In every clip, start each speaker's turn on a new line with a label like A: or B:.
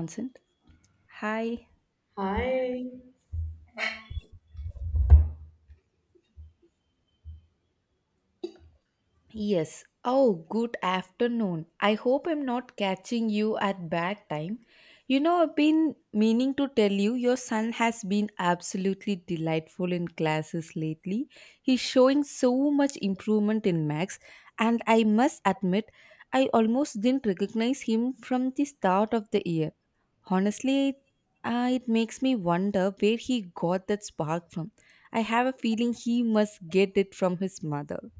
A: Consent. Hi,
B: Hi.
A: Yes. Oh, good afternoon. I hope I'm not catching you at bad time. You know, I've been meaning to tell you your son has been absolutely delightful in classes lately. He's showing so much improvement in maths, and I must admit, I almost didn't recognize him from the start of the year. Honestly, it makes me wonder where he got that spark from. I have a feeling he must get it from his mother.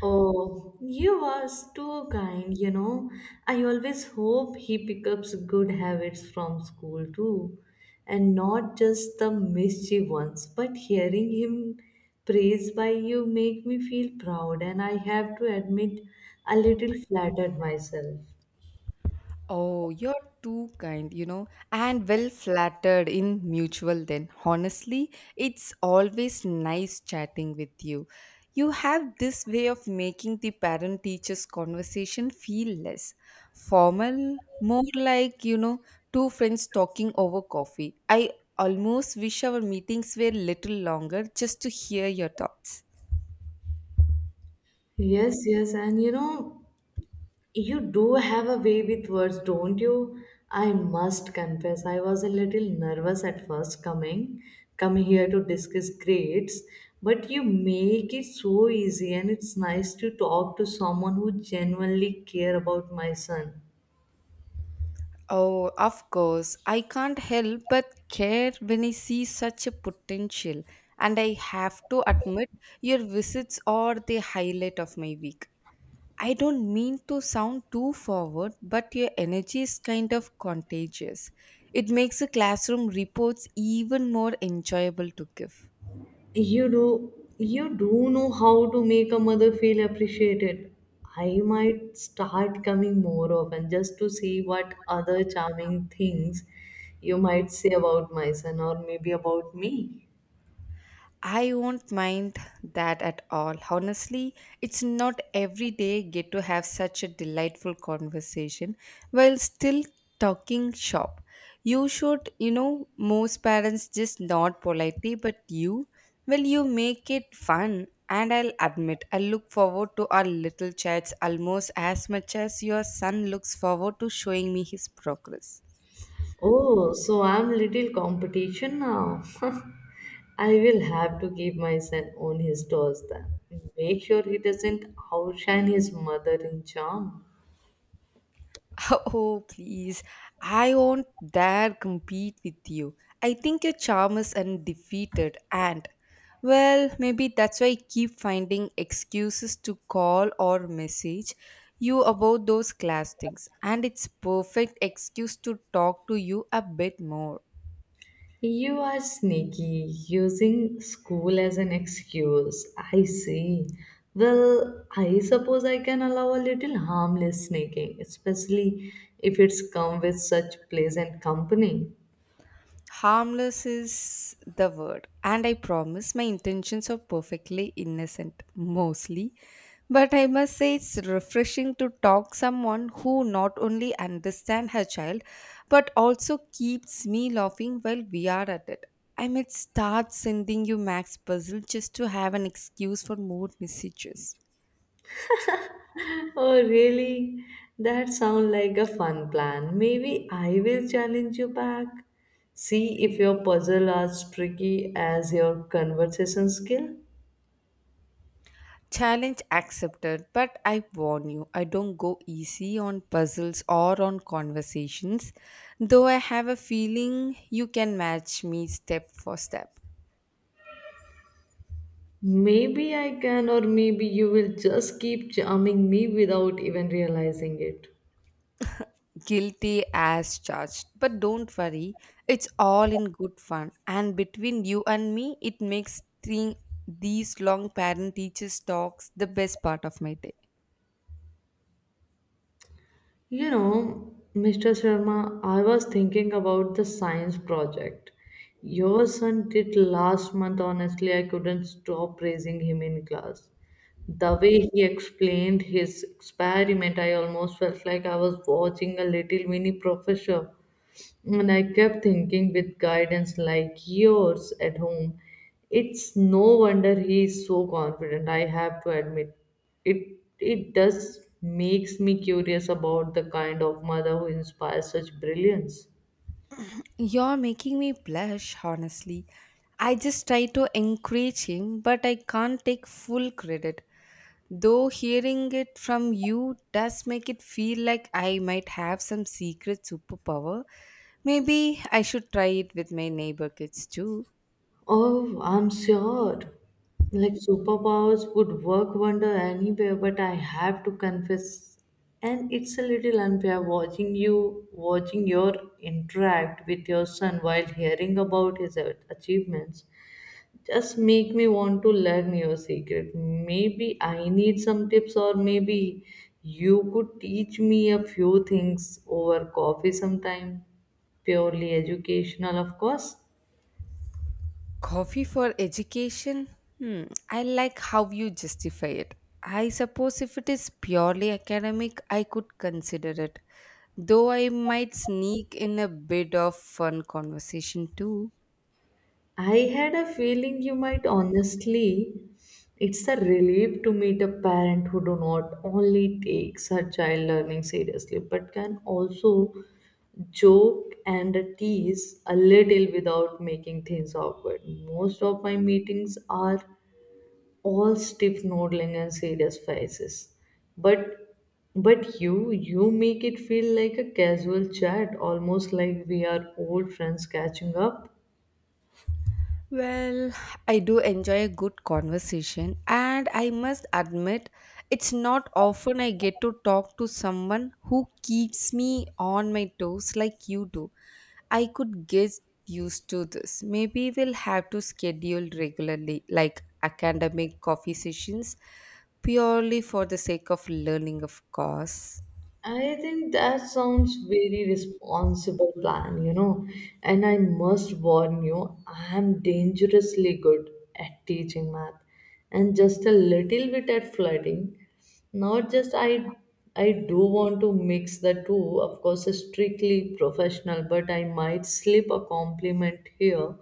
B: Oh, you was too kind, you know. I always hope he picks up good habits from school too. And not just the mischief ones, but hearing him praised by you make me feel proud, and I have to admit a little flattered myself.
A: Oh, you're too kind, you know, and well flattered in mutual then. Honestly, it's always nice chatting with you. You have this way of making the parent teachers conversation feel less formal, more like, you know, two friends talking over coffee. I almost wish our meetings were little longer just to hear your thoughts.
B: Yes, yes, and you know, you do have a way with words, don't you? I must confess, I was a little nervous at first coming here to discuss grades, but you make it so easy and it's nice to talk to someone who genuinely care about my son.
A: Oh, of course. I can't help but care when I see such a potential. And I have to admit, your visits are the highlight of my week. I don't mean to sound too forward, but your energy is kind of contagious. It makes the classroom reports even more enjoyable to give.
B: you do you do know how to make a mother feel appreciated. I might start coming more often just to see what other charming things you might say about my son, or maybe about me.
A: I won't mind that at all. Honestly, it's not every day get to have such a delightful conversation while still talking shop. You should, you know, most parents just nod politely, but you, well, you make it fun. And I'll admit, I look forward to our little chats almost as much as your son looks forward to showing me his progress.
B: Oh, so I'm little competition now. I will have to keep my son on his toes then, make sure he doesn't outshine his mother in charm.
A: Oh, please. I won't dare compete with you. I think your charm is undefeated, and well, maybe that's why I keep finding excuses to call or message you about those class things, and it's perfect excuse to talk to you a bit more.
B: You are sneaky, using school as an excuse, I see. Well, I suppose I can allow a little harmless sneaking, especially if it's come with such pleasant company.
A: Harmless is the word, and I promise my intentions are perfectly innocent, mostly. But I must say it's refreshing to talk someone who not only understand her child, but also keeps me laughing while we are at it. I might start sending you Max puzzle just to have an excuse for more messages.
B: Oh, really? That sounds like a fun plan. Maybe I will challenge you back. See if your puzzle are as tricky as your conversation skill.
A: Challenge accepted, but I warn you, I don't go easy on puzzles or on conversations, though I have a feeling you can match me step for step.
B: Maybe I can, or maybe you will just keep charming me without even realizing it.
A: Guilty as charged. But don't worry, it's all in good fun. And between you and me, it makes thing, these long parent teachers talks the best part of my day.
B: You know, Mr. Sharma, I was thinking about the science project your son did last month. Honestly, I couldn't stop praising him in class. The way he explained his experiment, I almost felt like I was watching a little mini professor. And I kept thinking, with guidance like yours at home, it's no wonder he is so confident. I have to admit, it does makes me curious about the kind of mother who inspires such brilliance.
A: You're making me blush, honestly. I just try to encourage him, but I can't take full credit. Though hearing it from you does make it feel like I might have some secret superpower, maybe I should try it with my neighbor kids too.
B: Oh, I'm sure. Like superpowers would work wonder anywhere, but I have to confess, and it's a little unfair watching you watching your interact with your son while hearing about his a- achievements. Just make me want to learn your secret. Maybe I need some tips, or maybe you could teach me a few things over coffee sometime. Purely educational, of course.
A: Coffee for education? Hmm, I like how you justify it. I suppose if it is purely academic, I could consider it. Though I might sneak in a bit of fun conversation too.
B: I had a feeling you might, honestly. It's a relief to meet a parent who do not only takes her child learning seriously but can also joke and tease a little without making things awkward. Most of my meetings are all stiff nodding and serious faces. But but you make it feel like a casual chat, almost like we are old friends catching up.
A: Well, I do enjoy a good conversation, and I must admit, it's not often I get to talk to someone who keeps me on my toes like you do. I could get used to this. Maybe we'll have to schedule regularly, like academic coffee sessions, purely for the sake of learning, of course.
B: I think that sounds very responsible plan, you know. And I must warn you, I am dangerously good at teaching math and just a little bit at flirting. Not just I do want to mix the two, of course, strictly professional, but I might slip a compliment here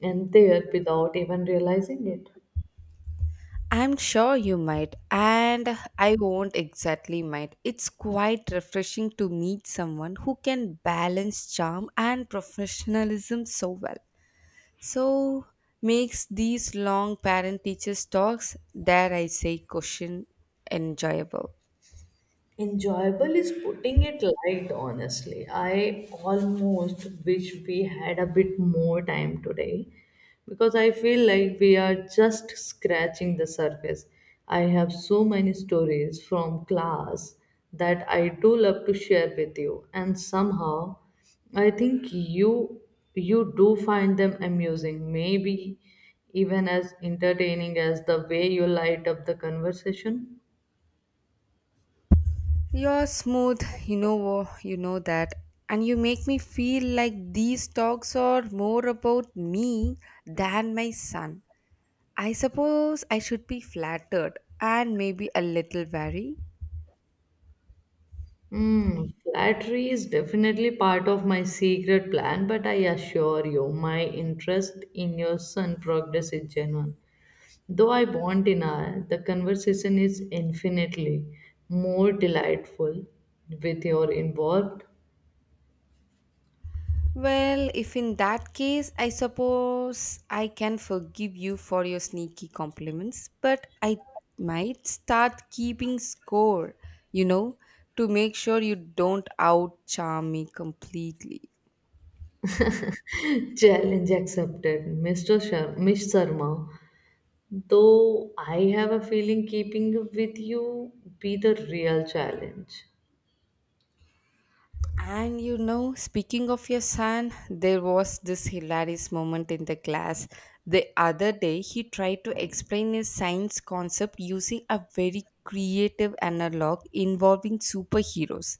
B: and there without even realizing it.
A: I'm sure you might, and I won't exactly might. It's quite refreshing to meet someone who can balance charm and professionalism so well. So makes these long parent teachers talks, dare I say cushion enjoyable.
B: Enjoyable is putting it light, honestly. I almost wish we had a bit more time today, because I feel like we are just scratching the surface. I have so many stories from class that I do love to share with you, and somehow I think you do find them amusing, maybe even as entertaining as the way you light up the conversation.
A: You're smooth, you know that. And you make me feel like these talks are more about me than my son. I suppose I should be flattered and maybe a little wary.
B: Mm, flattery is definitely part of my secret plan, but I assure you, my interest in your son progress is genuine. Though I want in hour, the conversation is infinitely more delightful with your involved.
A: Well, if in that case, I suppose I can forgive you for your sneaky compliments, but I might start keeping score, you know, to make sure you don't out charm me completely.
B: Challenge accepted, Miss Sharma. Though I have a feeling keeping up with you be the real challenge.
A: And you know, speaking of your son, there was this hilarious moment in the class. The other day, he tried to explain his science concept using a very creative analog involving superheroes.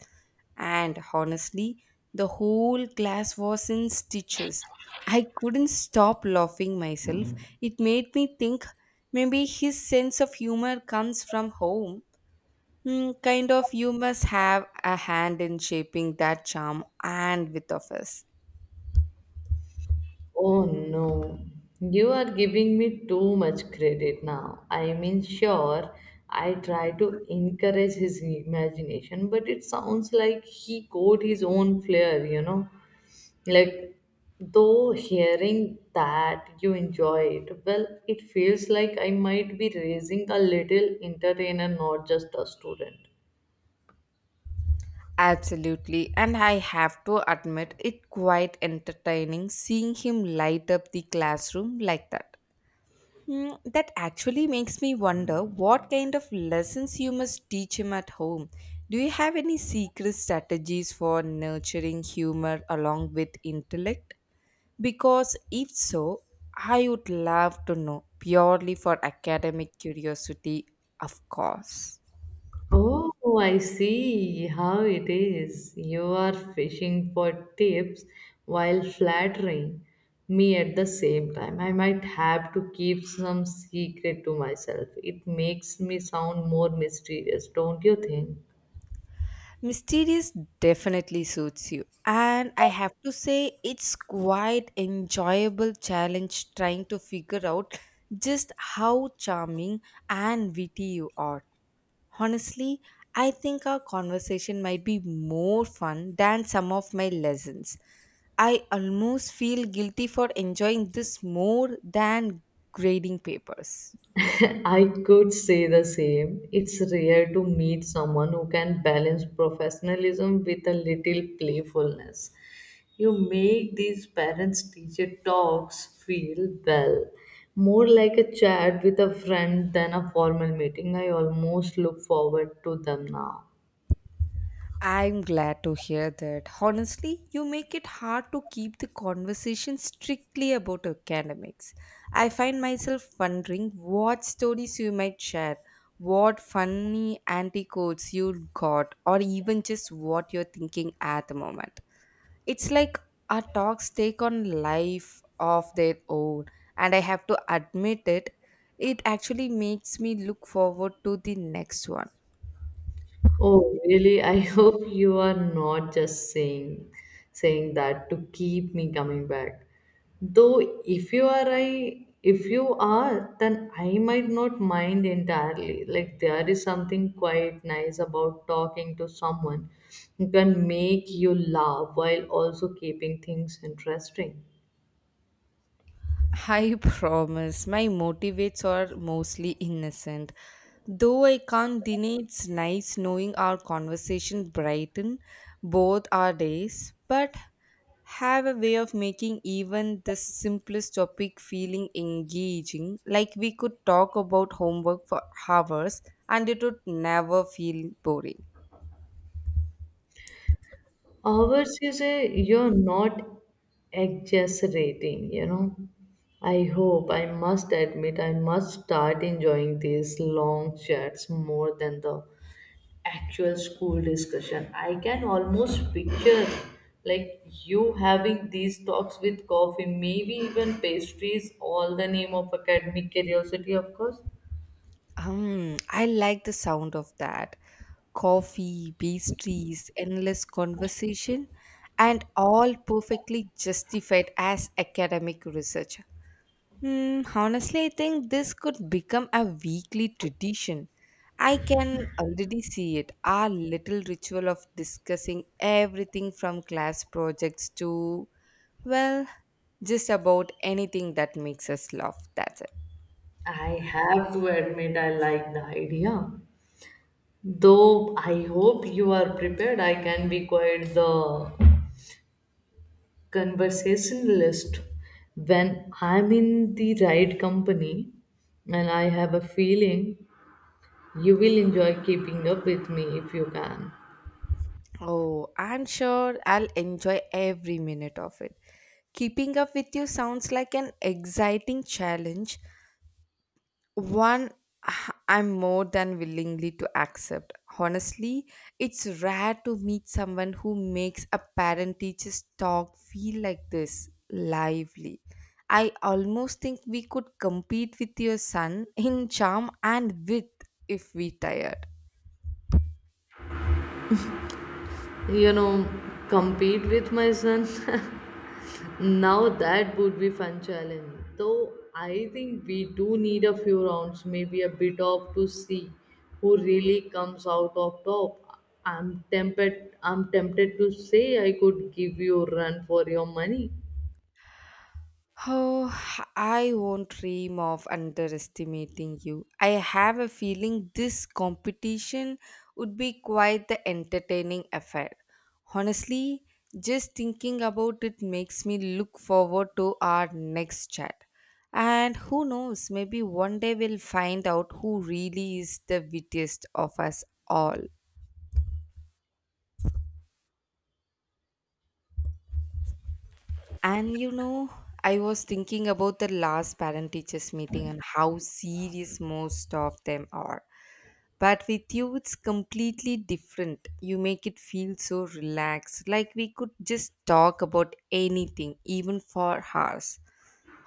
A: And honestly, the whole class was in stitches. I couldn't stop laughing myself. It made me think maybe his sense of humor comes from home. Hmm, kind of, you must have a hand in shaping that charm and with of us.
B: Oh no, you are giving me too much credit now. I mean, sure, I try to encourage his imagination, but it sounds like he caught his own flair, you know. Like, though hearing that you enjoy it, well, it feels like I might be raising a little entertainer, not just a student.
A: Absolutely, and I have to admit, it quite entertaining seeing him light up the classroom like that. Hmm, that actually makes me wonder what kind of lessons you must teach him at home. Do you have any secret strategies for nurturing humor along with intellect? Because if so, I would love to know purely for academic curiosity, of course.
B: Oh, I see how it is. You are fishing for tips while flattering me at the same time. I might have to keep some secret to myself. It makes me sound more mysterious, don't you think?
A: Mysterious definitely suits you. And I have to say, it's quite enjoyable challenge trying to figure out just how charming and witty you are. Honestly, I think our conversation might be more fun than some of my lessons. I almost feel guilty for enjoying this more than grading papers.
B: I could say the same. It's rare to meet someone who can balance professionalism with a little playfulness. You make these parents teacher talks feel well, more like a chat with a friend than a formal meeting. I almost look forward to them now.
A: I'm glad to hear that. Honestly, you make it hard to keep the conversation strictly about academics. I find myself wondering what stories you might share, what funny anticodes you got, or even just what you're thinking at the moment. It's like our talks take on life of their own, and I have to admit it, it actually makes me look forward to the next one.
B: Oh, really? I hope you are not just saying that to keep me coming back. Though if you are, then I might not mind entirely. Like there is something quite nice about talking to someone who can make you laugh while also keeping things interesting.
A: I promise my motivates are mostly innocent. Though I can't deny it's nice knowing our conversation brighten both our days, but have a way of making even the simplest topic feeling engaging, like we could talk about homework for hours and it would never feel boring.
B: Ours is a you're not exaggerating, you know. I hope, I must admit, I must start enjoying these long chats more than the actual school discussion. I can almost picture like you having these talks with coffee, maybe even pastries, all the name of academic curiosity, of course.
A: I like the sound of that. Coffee, pastries, endless conversation, and all perfectly justified as academic research. Hmm, honestly, I think this could become a weekly tradition. I can already see it. Our little ritual of discussing everything from class projects to, well, just about anything that makes us laugh. That's it.
B: I have to admit, I like the idea. Though I hope you are prepared, I can be quite the conversationalist when I'm in the right company, and I have a feeling you will enjoy keeping up with me if you can.
A: Oh, I'm sure I'll enjoy every minute of it. Keeping up with you sounds like an exciting challenge, one i I'm more than willingly to accept. Honestly, it's rare to meet someone who makes a parent teacher's talk feel like this lively. I almost think we could compete with your son in charm and wit if we tire.
B: You know, compete with my son. Now that would be fun challenge. Though I think we do need a few rounds, maybe a bit of to see who really comes out of top. I'm tempted to say I could give you a run for your money.
A: Oh, I won't dream of underestimating you. I have a feeling this competition would be quite the entertaining affair. Honestly, just thinking about it makes me look forward to our next chat. And who knows, maybe one day we'll find out who really is the wittiest of us all. And you know, I was thinking about the last parent teachers meeting and how serious most of them are. But with you, it's completely different. You make it feel so relaxed, like we could just talk about anything, even for hours.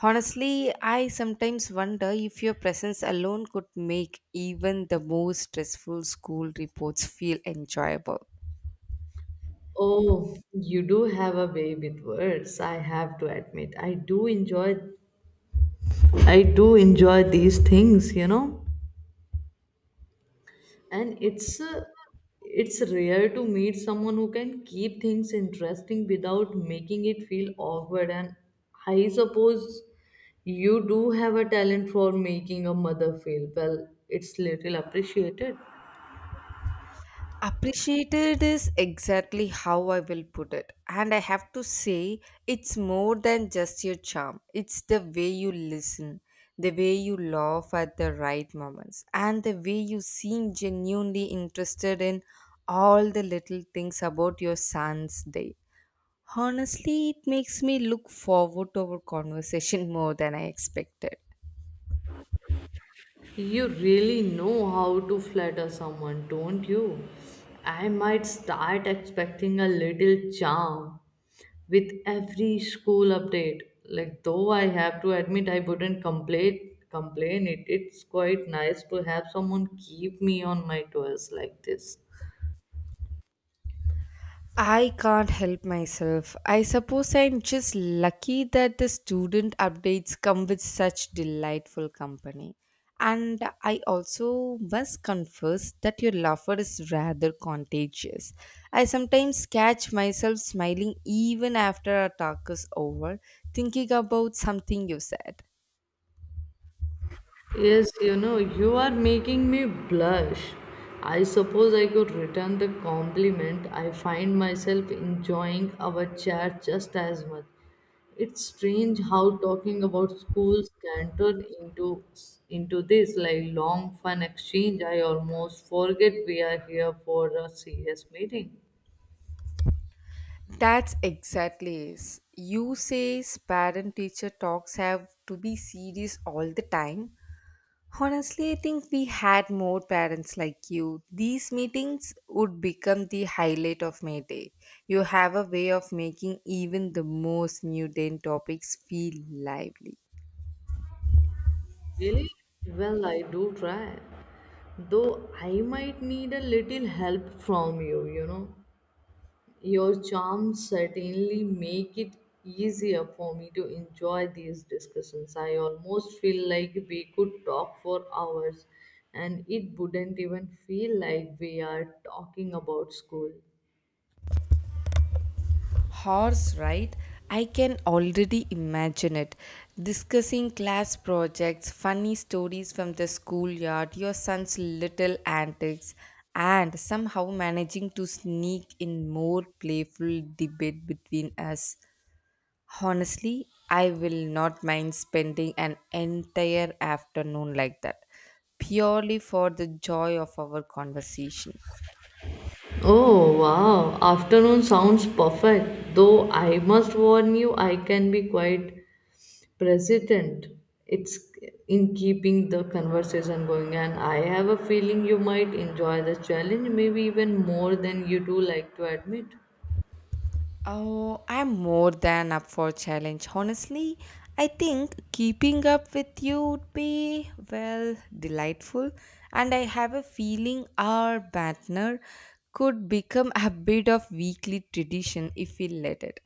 A: Honestly, I sometimes wonder if your presence alone could make even the most stressful school reports feel enjoyable.
B: Oh, you do have a way with words, I have to admit. I do enjoy these things, you know. And it's rare to meet someone who can keep things interesting without making it feel awkward, and I suppose you do have a talent for making a mother feel, well, it's little appreciated.
A: Appreciated is exactly how I will put it. And I have to say, it's more than just your charm. It's the way you listen, the way you laugh at the right moments, and the way you seem genuinely interested in all the little things about your son's day. Honestly, it makes me look forward to our conversation more than I expected.
B: You really know how to flatter someone, don't you? I might start expecting a little charm with every school update. Like, though I have to admit I wouldn't complain it. It's quite nice to have someone keep me on my toes like this.
A: I can't help myself. I suppose I'm just lucky that the student updates come with such delightful company. And I also must confess that your laughter is rather contagious. I sometimes catch myself smiling even after our talk is over, thinking about something you said.
B: Yes, you know, you are making me blush. I suppose I could return the compliment. I find myself enjoying our chat just as much. It's strange how talking about schools can turn into this like long fun exchange. I almost forget we are here for a serious meeting.
A: That's exactly is. You says parent teacher talks have to be serious all the time. Honestly, I think we had more parents like you. These meetings would become the highlight of my day. You have a way of making even the most mundane topics feel lively.
B: Really? Well, I do try. Though I might need a little help from you, you know. Your charms certainly make it easier for me to enjoy these discussions. I almost feel like we could talk for hours, and it wouldn't even feel like we are talking about school.
A: Horse, right? I can already imagine it. Discussing class projects, funny stories from the schoolyard, your son's little antics, and somehow managing to sneak in more playful debate between us. Honestly, I will not mind spending an entire afternoon like that, purely for the joy of our conversation.
B: Oh wow, afternoon sounds perfect. Though I must warn you, I can be quite president it's in keeping the conversation going, and I have a feeling you might enjoy the challenge, maybe even more than you do like to admit.
A: Oh, I'm more than up for challenge. Honestly, I think keeping up with you would be well delightful, and I have a feeling our banter could become a bit of weekly tradition if we let it.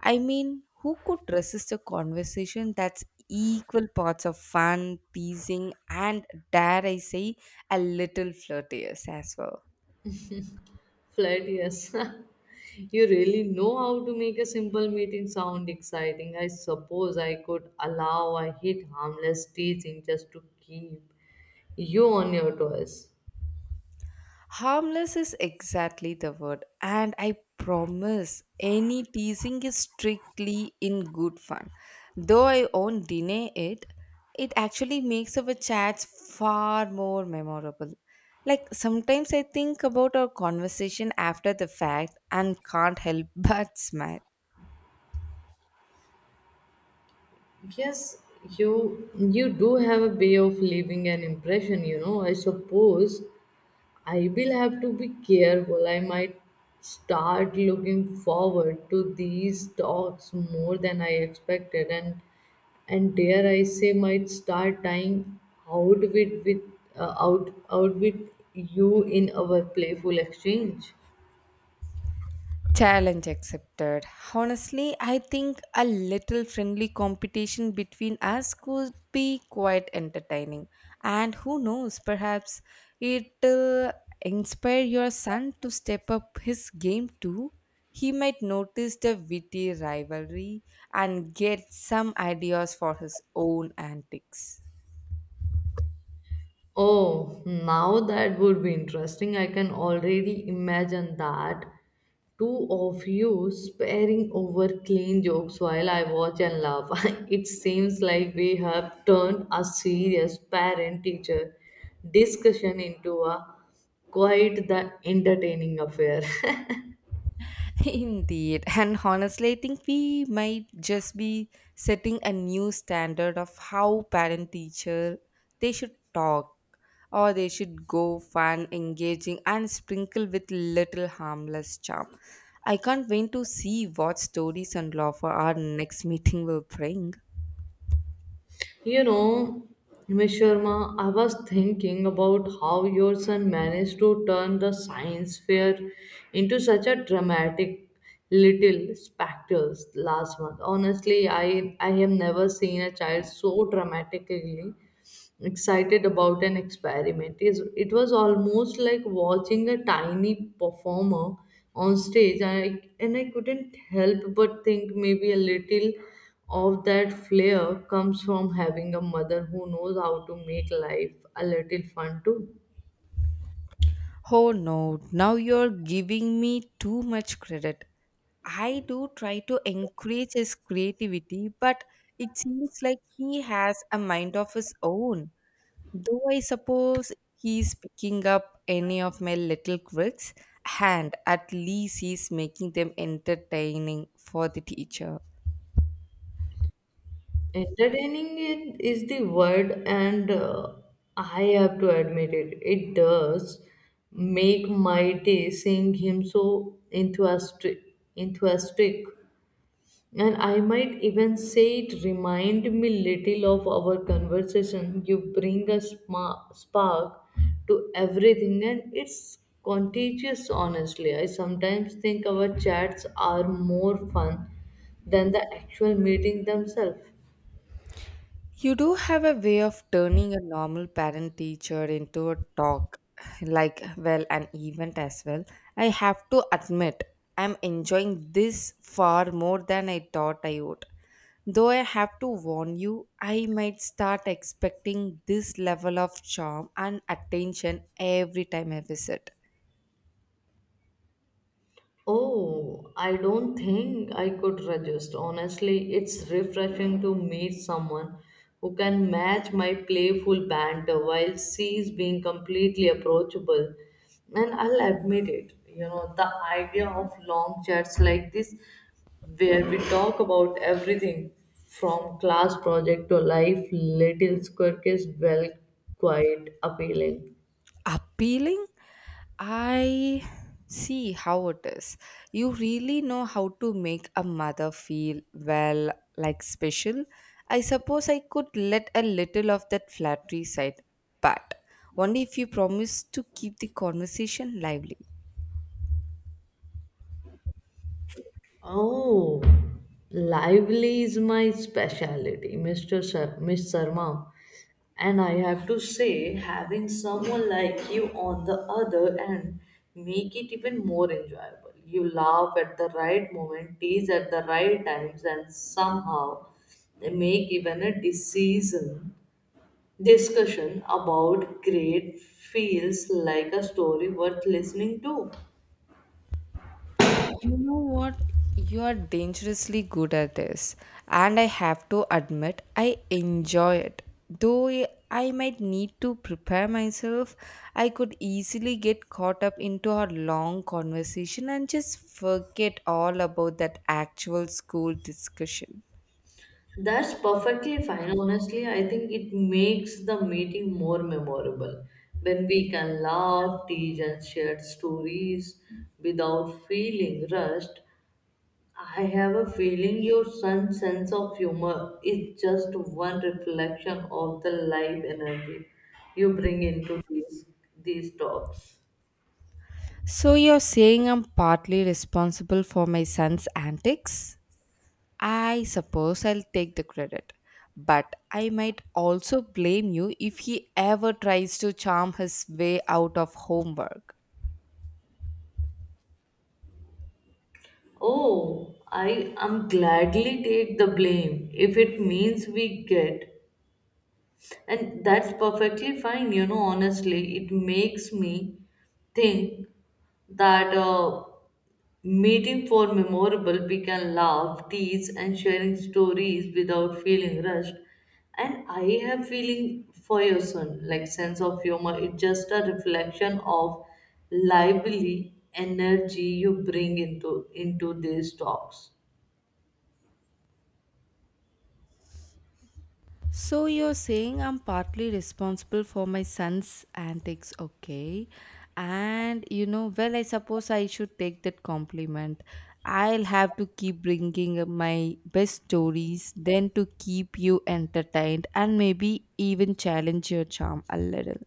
A: I mean, who could resist a conversation that's equal parts of fun, teasing, and dare I say, a little flirtatious as well?
B: Flirt, yes. You really know how to make a simple meeting sound exciting. I suppose I could allow a hit harmless teasing just to keep you on your toes.
A: Harmless is exactly the word, and I promise any teasing is strictly in good fun. Though I won't deny it, it actually makes our chats far more memorable. Like sometimes I think about our conversation after the fact and can't help but smile.
B: Yes, you you do have a way of leaving an impression, you know. I suppose I will have to be careful. I might start looking forward to these talks more than I expected, and dare I say might start dying out with out with you in our playful exchange.
A: Challenge accepted. Honestly, I think a little friendly competition between us could be quite entertaining. And who knows, perhaps it'll inspire your son to step up his game too. He might notice the witty rivalry and get some ideas for his own antics.
B: Oh, now that would be interesting. I can already imagine that. Two of you sparring over clean jokes while I watch and laugh. It seems like we have turned a serious parent teacher discussion into a quite the entertaining affair.
A: Indeed. And honestly, I think we might just be setting a new standard of how parent teacher they should talk or they should go fun, engaging and sprinkle with little harmless charm. I can't wait to see what stories and law for our next meeting will bring.
B: You know, Miss Sharma, I was thinking about how your son managed to turn the science fair into such a dramatic little spectacle last month. Honestly, I have never seen a child so dramatically excited about an experiment. Is it was almost like watching a tiny performer on stage, and I couldn't help but think maybe a little of that flair comes from having a mother who knows how to make life a little fun too.
A: Oh no, now you're giving me too much credit. I do try to encourage his creativity, but it seems like he has a mind of his own. Though I suppose he's picking up any of my little quirks, and at least he's making them entertaining for the teacher.
B: Entertaining it is the word. And I have to admit it does make my day seeing him so enthusiastic enthusiastic. And I might even say it remind me little of our conversation. You bring a spark to everything, and it's contagious, honestly. I sometimes think our chats are more fun than the actual meeting themselves.
A: You do have a way of turning a normal parent teacher into a talk, like, well, an event as well. I have to admit, I'm enjoying this far more than I thought I would. Though I have to warn you, I might start expecting this level of charm and attention every time I visit.
B: Oh, I don't think I could resist. Honestly, it's refreshing to meet someone who can match my playful banter while she's being completely approachable. And I'll admit it, you know, the idea of long chats like this, where we talk about everything from class project to life, little quirk is well, quite appealing.
A: Appealing? I see how it is. You really know how to make a mother feel well, like special. I suppose I could let a little of that flattery side, but only if you promise to keep the conversation lively.
B: Oh, lively is my specialty, Miss Sharma. And I have to say, having someone like you on the other end make it even more enjoyable. You laugh at the right moment, tease at the right times, and somehow make even a decision discussion about great feels like a story worth listening to.
A: You know what? You are dangerously good at this. And I have to admit, I enjoy it. Though I might need to prepare myself, I could easily get caught up into a long conversation and just forget all about that actual school discussion.
B: That's perfectly fine. Honestly, I think it makes the meeting more memorable when we can laugh, tease, and share stories without feeling rushed. I have a feeling your son's sense of humor is just one reflection of the life energy you bring into these talks.
A: So, you're saying I'm partly responsible for my son's antics? I suppose I'll take the credit. But I might also blame you if he ever tries to charm his way out of homework.
B: Oh, I am gladly take the blame if it means we get. And that's perfectly fine, you know, honestly. It makes me think that meeting for memorable, we can laugh, tease, and sharing stories without feeling rushed. And I have feeling for your son, like sense of humor. It's just a reflection of lively energy you bring into these talks.
A: So you're saying I'm partly responsible for my son's antics, okay? And you know, well, I suppose I should take that compliment. I'll have to keep bringing up my best stories, then to keep you entertained and maybe even challenge your charm a little.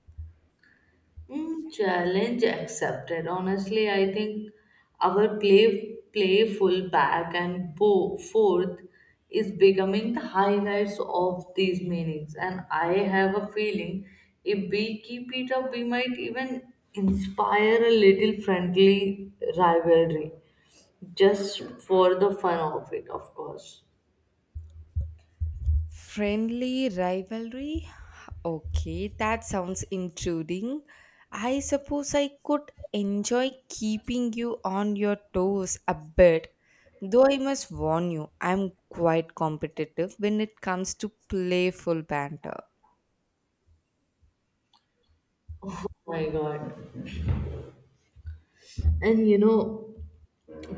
B: Mm, challenge accepted. Honestly, I think our playful back and forth is becoming the highlights of these meetings, and I have a feeling if we keep it up, we might even inspire a little friendly rivalry, just for the fun of it, of course.
A: Friendly rivalry? Okay, that sounds intruding. I suppose I could enjoy keeping you on your toes a bit. Though I must warn you, I'm quite competitive when it comes to playful banter.
B: Oh my God, and you know.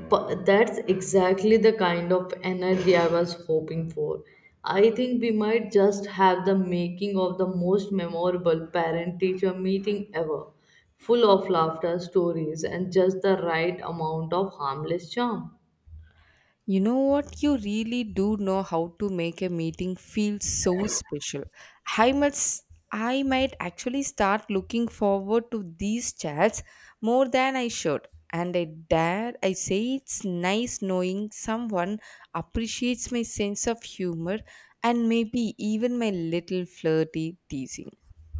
B: But that's exactly the kind of energy I was hoping for. I think we might just have the making of the most memorable parent teacher meeting ever, full of laughter, stories, and just the right amount of harmless charm.
A: You know what? You really do know how to make a meeting feel so special. I might actually start looking forward to these chats more than I should. And I dare I say it's nice knowing someone appreciates my sense of humor and maybe even my little flirty teasing.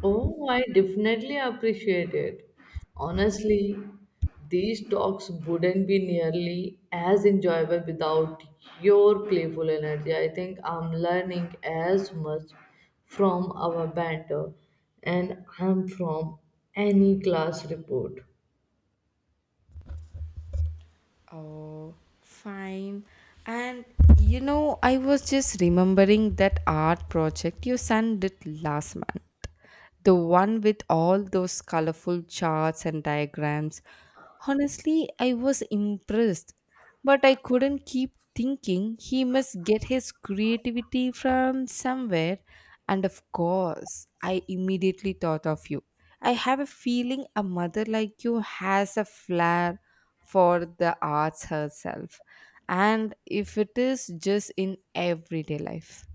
B: Oh, I definitely appreciate it. Honestly, these talks wouldn't be nearly as enjoyable without your playful energy. I think I'm learning as much from our banter and I'm from any class report.
A: Oh, fine. And you know, I was just remembering that art project your son did last month. The one with all those colorful charts and diagrams. Honestly, I was impressed, but I couldn't keep thinking he must get his creativity from somewhere. And of course, I immediately thought of you. I have a feeling a mother like you has a flair for the arts herself and if it is just in everyday life.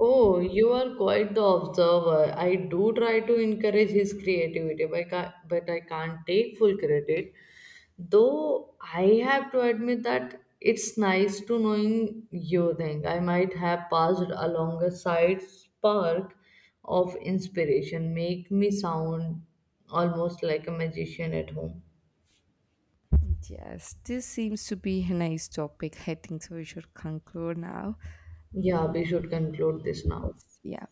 B: Oh, you are quite the observer. I do try to encourage his creativity, but but I can't take full credit. Though I have to admit that it's nice to knowing you think I might have passed along a side spark of inspiration, make me sound almost like a magician at home.
A: Yes, this seems to be a nice topic. I think so we should conclude now.
B: Yeah, we should conclude this now.
A: Yeah.